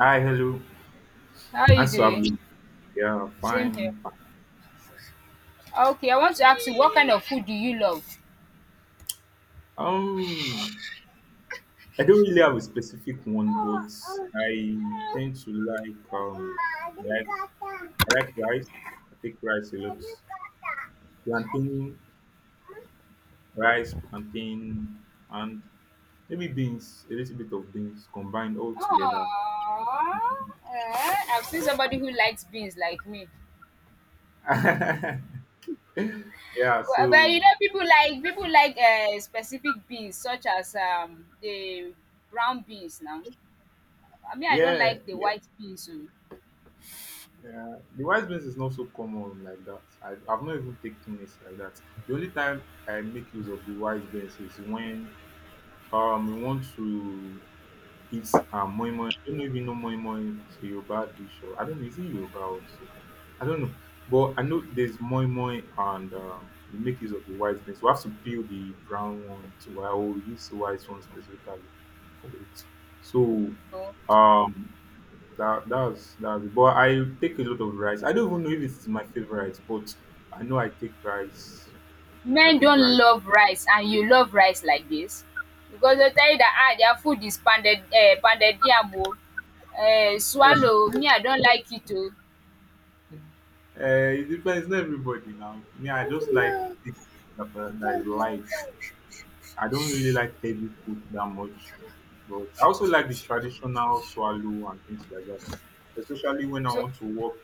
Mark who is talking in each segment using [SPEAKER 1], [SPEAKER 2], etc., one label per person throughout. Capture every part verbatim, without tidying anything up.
[SPEAKER 1] Hi, hello.
[SPEAKER 2] How are you
[SPEAKER 1] Nice to have
[SPEAKER 2] doing?
[SPEAKER 1] you. Yeah,
[SPEAKER 2] Same here.
[SPEAKER 1] fine, fine.
[SPEAKER 2] Ah, Okay, I want to ask you, what kind of food do you love?
[SPEAKER 1] Um, I don't really have a specific one, but I tend to like um, I like I like rice. I take rice a lot. Plantain, rice, plantain, and maybe beans. A little bit of beans combined all together.
[SPEAKER 2] Aww, eh, I've seen somebody who likes beans like me.
[SPEAKER 1] Yeah.
[SPEAKER 2] Well, But
[SPEAKER 1] So
[SPEAKER 2] you know, people like people like uh, specific beans, such as um the brown beans. Now, I mean, I don't
[SPEAKER 1] yeah,
[SPEAKER 2] like the
[SPEAKER 1] yeah.
[SPEAKER 2] white beans. So,
[SPEAKER 1] Yeah, the white beans is not so common like that. I, I've not even taken it like that. The only time I make use of the white beans is when um we want to eat um moi moi. I don't know if you know moi moi. It's a Yoruba dish. Or, I don't know. Is it Yoruba also? I don't know. But I know there's moi moi and um, we make use of the white beans. We have to peel the brown one to I will use the white one specifically for it. So Mm. um that that's that's but I take a lot of rice. I don't even know if it's my favorite, but I know I take rice. I
[SPEAKER 2] men
[SPEAKER 1] take
[SPEAKER 2] don't
[SPEAKER 1] rice.
[SPEAKER 2] love rice and you love rice like this, because they tell you that ah their food is pounded um pounded yam o, um swallow o, me I don't like it o.
[SPEAKER 1] Uh, it depends. Not everybody now. Me, I just like things that are- that is light. I don't really like heavy food that much, but I also like the traditional swallow and things like that. Especially when I
[SPEAKER 2] So,
[SPEAKER 1] want to work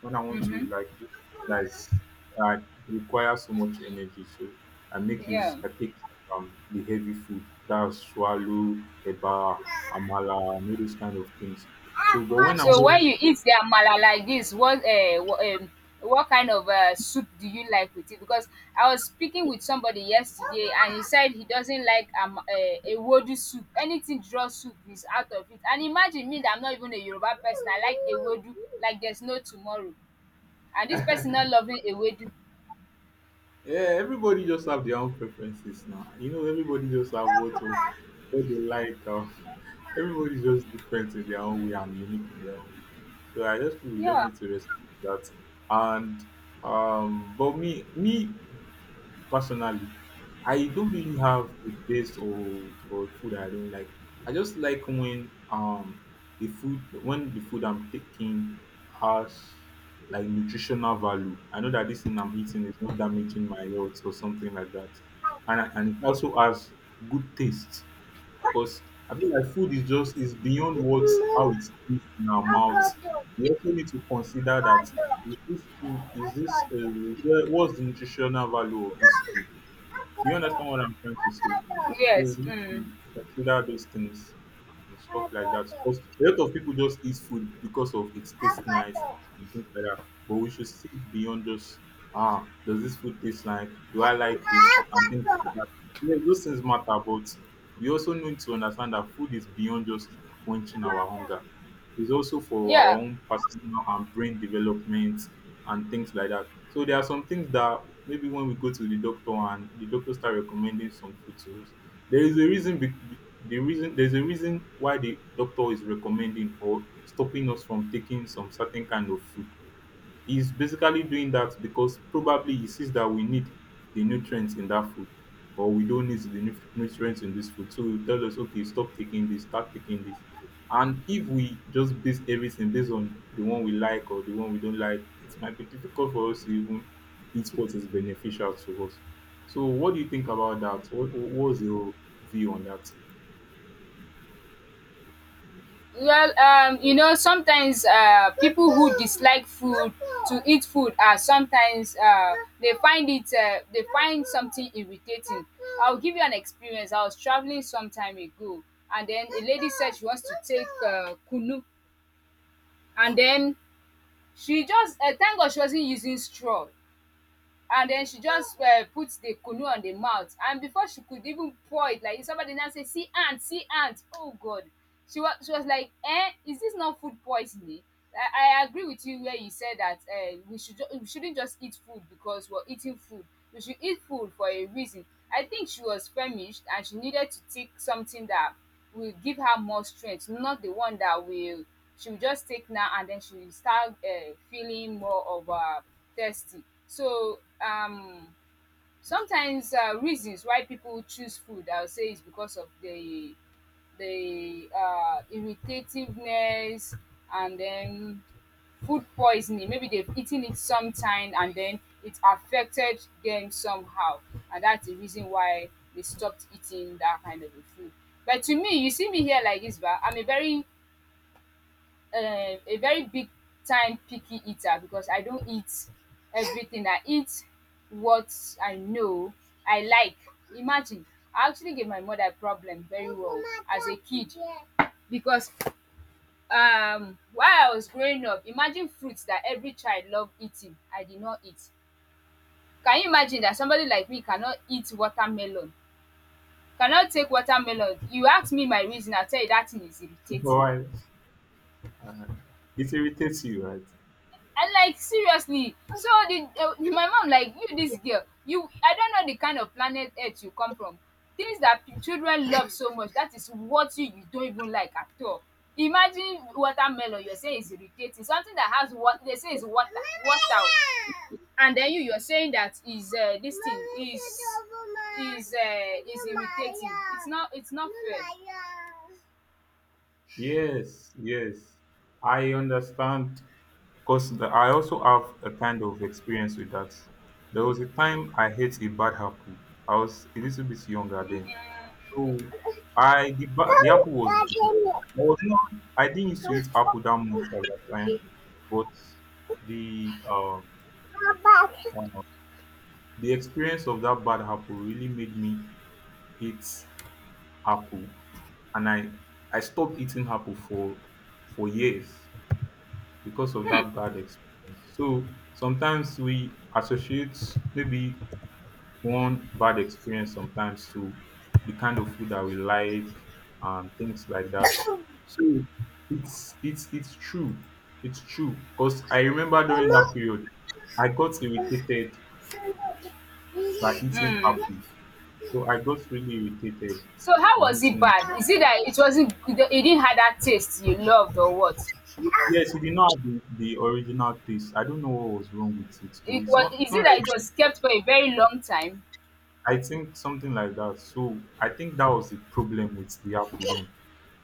[SPEAKER 1] when I want to
[SPEAKER 2] mhm,
[SPEAKER 1] like do something that is that requires so much energy. So I make
[SPEAKER 2] yeah.
[SPEAKER 1] use I take um the heavy food. That's swallow, eba, amala, and all those kind of things. So but when I'm
[SPEAKER 2] So when
[SPEAKER 1] just
[SPEAKER 2] you eat the amala like this, what um um what kind of um soup do you like with it? Because I was speaking with somebody yesterday, and he said he doesn't like um uh, a wodu soup. Anything draw soup is out of it, and imagine me, that I'm not even a Yoruba person, I like a wodu like there's no tomorrow, and this person
[SPEAKER 1] yeah,
[SPEAKER 2] not loving a wodu.
[SPEAKER 1] everybody just have their own preferences now. You know, everybody just have what of what they like. Um, everybody's just different in their own way and unique in their own way. So I just feel we just
[SPEAKER 2] Yeah.
[SPEAKER 1] need to respect that. And um, but me, me, personally, I don't really have a best or or food I don't like. I just like when um the food when the food I'm taking has like nutritional value. I know that this thing I'm eating is not damaging my health or something like that, and I- and it also has good taste. Because I feel like food is just is beyond what how it tastes in our mouth. We also need to consider that is this thing- is this uh, what's the nutritional value of this food? You understand what I'm trying to say? So we
[SPEAKER 2] Yes.
[SPEAKER 1] need to
[SPEAKER 2] Mm.
[SPEAKER 1] consider those things and stuff like that. Because a lot of people just eat food because of it tastes nice and things like that. But we should see it beyond just ah, does this food taste nice? Do I like it? And things like that. Yes, those things matter, but we also need to understand that food is beyond just quenching our hunger. It's also for our
[SPEAKER 2] Yeah.
[SPEAKER 1] own personal and brain development and things like that. So there are some things that maybe when we go to the doctor and the doctor start recommending some food to us, there is a reason. be- be- The reason there's a reason why the doctor is recommending or stopping us from taking some certain kind of food, he's basically doing that because probably he sees that we need the nutrients in that food or we don't need the nu- nutrients in this food. So he tells us, okay, stop taking this, start taking this. And if we just base everything based on the one we like or the one we don't like, it might be difficult for us to even eat what is beneficial to us. So what do you think about that? What what was your view on that?
[SPEAKER 2] Well, um, you know, sometimes uh, people who dislike food to eat food are sometimes uh, they find it uh, they find something irritating. I'll give you an experience. I was traveling some time ago, and then a lady said she wants to take uh, kunu, and then she just, uh, thank God she wasn't using straw. And then she just uh, put the kunu on the mouth, and before she could even pour it, like, somebody now say, see ant, see ant, oh god, she was she was like, eh, is this not food poisoning? I, I agree with you where you said that uh, we should, ju- we shouldn't just eat food because we're eating food, we should eat food for a reason. I think she was famished, and she needed to take something that will give her more strength, not the one that will she will just take now and then she will start uh, feeling more of, uh, thirsty. So, um sometimes uh, reasons why people choose food, I would say, is because of the the uh, irritativeness, and then food poisoning. Maybe they've eaten it sometime and then it affected them somehow, and that's the reason why they stopped eating that kind of a food. But to me, you see me here like this, but I'm a very um a very big time picky eater because I don't eat everything. I eat what I know I like. Imagine, I actually gave my mother a problem very well as a kid, because um while I was growing up, imagine, fruits that every child love eating, I did not eat. Can you imagine that somebody like me cannot eat watermelon, cannot take watermelon? You ask me my reason, I'll tell you that thing is irritating.
[SPEAKER 1] Why uh, it irritates you, right?
[SPEAKER 2] And like, seriously, so the, uh, my mom like, you this girl, you, I don't know the kind of planet earth you come from, things that p- children love so much, that is what you you don't even like at all. Imagine watermelon, you're saying it's irritating, something that has what they say is water, water. And then you you're saying that is, uh, this thing is is uh, is irritating, it's not it's not fair.
[SPEAKER 1] Yes, yes. I understand because the, I also have a kind of experience with that. There was a time I ate a bad apple. I was a little bit younger then. So I the, ba- the apple was
[SPEAKER 2] Come,
[SPEAKER 1] big.
[SPEAKER 2] you
[SPEAKER 1] I was not I didn't used to
[SPEAKER 2] got in
[SPEAKER 1] eat apple that much at that time,
[SPEAKER 2] it.
[SPEAKER 1] but the uh,
[SPEAKER 2] But
[SPEAKER 1] uh, the experience of that bad apple really made me eat apple and I I stopped eating apple for for years, because of that bad experience. So sometimes we associate maybe one bad experience sometimes to the kind of food that we like and things like that. So it's it's it's true. It's true. Because I remember during that period I got irritated by
[SPEAKER 2] yeah.
[SPEAKER 1] eating
[SPEAKER 2] Mm.
[SPEAKER 1] apple. So I got really irritated
[SPEAKER 2] So how
[SPEAKER 1] from
[SPEAKER 2] was it
[SPEAKER 1] eating
[SPEAKER 2] bad? Is it that it wasn't It didn't have that taste you loved, or what?
[SPEAKER 1] it. Yes, it did not have the, the original taste. I don't know what was wrong with it though.
[SPEAKER 2] It
[SPEAKER 1] It's
[SPEAKER 2] was
[SPEAKER 1] not it's
[SPEAKER 2] is it
[SPEAKER 1] not like
[SPEAKER 2] that it
[SPEAKER 1] it
[SPEAKER 2] was
[SPEAKER 1] was
[SPEAKER 2] kept for a very long time?
[SPEAKER 1] I think something like that. So I think that was the problem with the
[SPEAKER 2] Um,
[SPEAKER 1] apple then.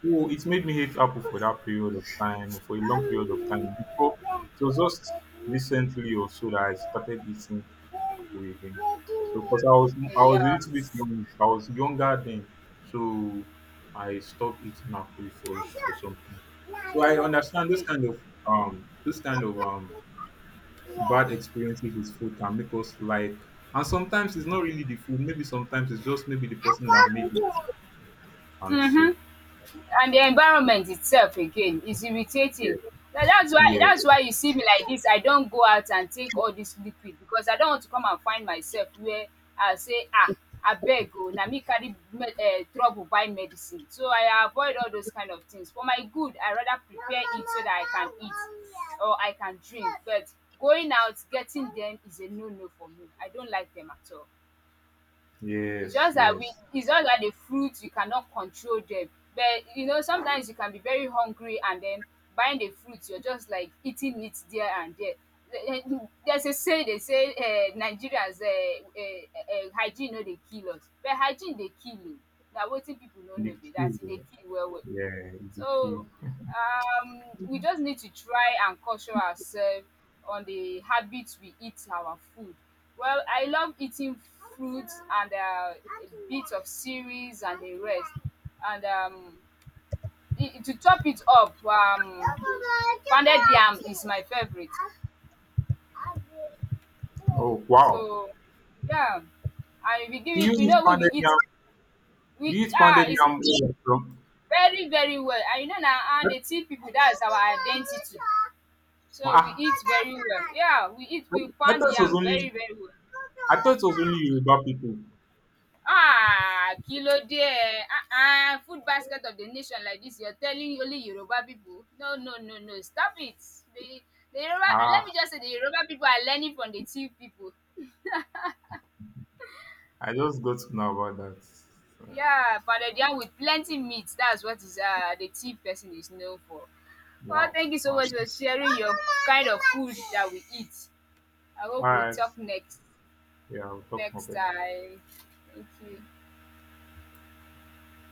[SPEAKER 1] So it made me hate apple for that period of time, for a long period of time. Before it was just recently or so that I started eating apple again. So because I was I was a
[SPEAKER 2] Yeah.
[SPEAKER 1] little bit young, I was younger then, so I stopped eating apple for for some time. So I understand those kind of um those kind of um bad experiences with food can make us like, and sometimes it's not really the food, maybe sometimes it's just maybe the person that
[SPEAKER 2] Mm.
[SPEAKER 1] made it and so
[SPEAKER 2] Mm-hmm. And the environment itself again is irritating.
[SPEAKER 1] yeah.
[SPEAKER 2] Na that's why
[SPEAKER 1] Yes,
[SPEAKER 2] that's why you see me like dis, I don go out and take all dis liquid, because I don want to come and find myself where I go say, um abeg o na me carry, um trouble buy medicine, so I avoid all those kind of things. For my good, I rather prepare it so dat I can eat or I can drink, but going out getting dem is a no no for me. I don't like dem at all. It's
[SPEAKER 1] yes,
[SPEAKER 2] just that
[SPEAKER 1] yes.
[SPEAKER 2] we it's just that the fruits, you cannot control them. But you know sometimes you can be very hungry, and then buying the fruits, you're just like eating it there and there. Eh, eh, There's a saying, they say, um Nigerians, um um hygiene no dey kill us but hygiene dey kill oo. Na wetin people no
[SPEAKER 1] The
[SPEAKER 2] know be that e dey
[SPEAKER 1] queue,
[SPEAKER 2] kill well well.
[SPEAKER 1] yeah, the queue.
[SPEAKER 2] So, um, we just need to try and culture ourselves on the habits we eat our food. Well, I love eating fruits, and uh, a bit of cereals and the rest. And um, i- to top it up, um, pounded yam is my favorite.
[SPEAKER 1] Oh wow,
[SPEAKER 2] So yeah, and we give
[SPEAKER 1] do you
[SPEAKER 2] it. You
[SPEAKER 1] eat
[SPEAKER 2] know we will
[SPEAKER 1] pounded
[SPEAKER 2] eat.
[SPEAKER 1] yam? Do
[SPEAKER 2] We
[SPEAKER 1] you eat pounded
[SPEAKER 2] ah, isn't,
[SPEAKER 1] yam from?
[SPEAKER 2] very very well. And you know now, and the tea people, that's our identity. So we
[SPEAKER 1] Ah,
[SPEAKER 2] eat very well. Yeah, we eat
[SPEAKER 1] I,
[SPEAKER 2] we
[SPEAKER 1] I thought
[SPEAKER 2] pound
[SPEAKER 1] it was
[SPEAKER 2] yam
[SPEAKER 1] only
[SPEAKER 2] very very well.
[SPEAKER 1] I thought it was only Yoruba people?
[SPEAKER 2] Ah, kilo ló dé. Ah ah, food basket of the nation like this, you're telling only Yoruba people? No, no, no, no, stop it. The the Yoruba, let
[SPEAKER 1] Ah,
[SPEAKER 2] me just say the Yoruba people are learning from the Tiv people.
[SPEAKER 1] I just got to know about that. Uh,
[SPEAKER 2] Yeah, pounded yam with plenty meat, that's what is, um the Tiv person is known for. Well,
[SPEAKER 1] wow.
[SPEAKER 2] thank you so
[SPEAKER 1] Wow.
[SPEAKER 2] much for sharing your kind of food that we eat. I
[SPEAKER 1] All
[SPEAKER 2] hope we'll
[SPEAKER 1] right,
[SPEAKER 2] talk next.
[SPEAKER 1] yeah, we'll talk more
[SPEAKER 2] next
[SPEAKER 1] better.
[SPEAKER 2] time. Thank you.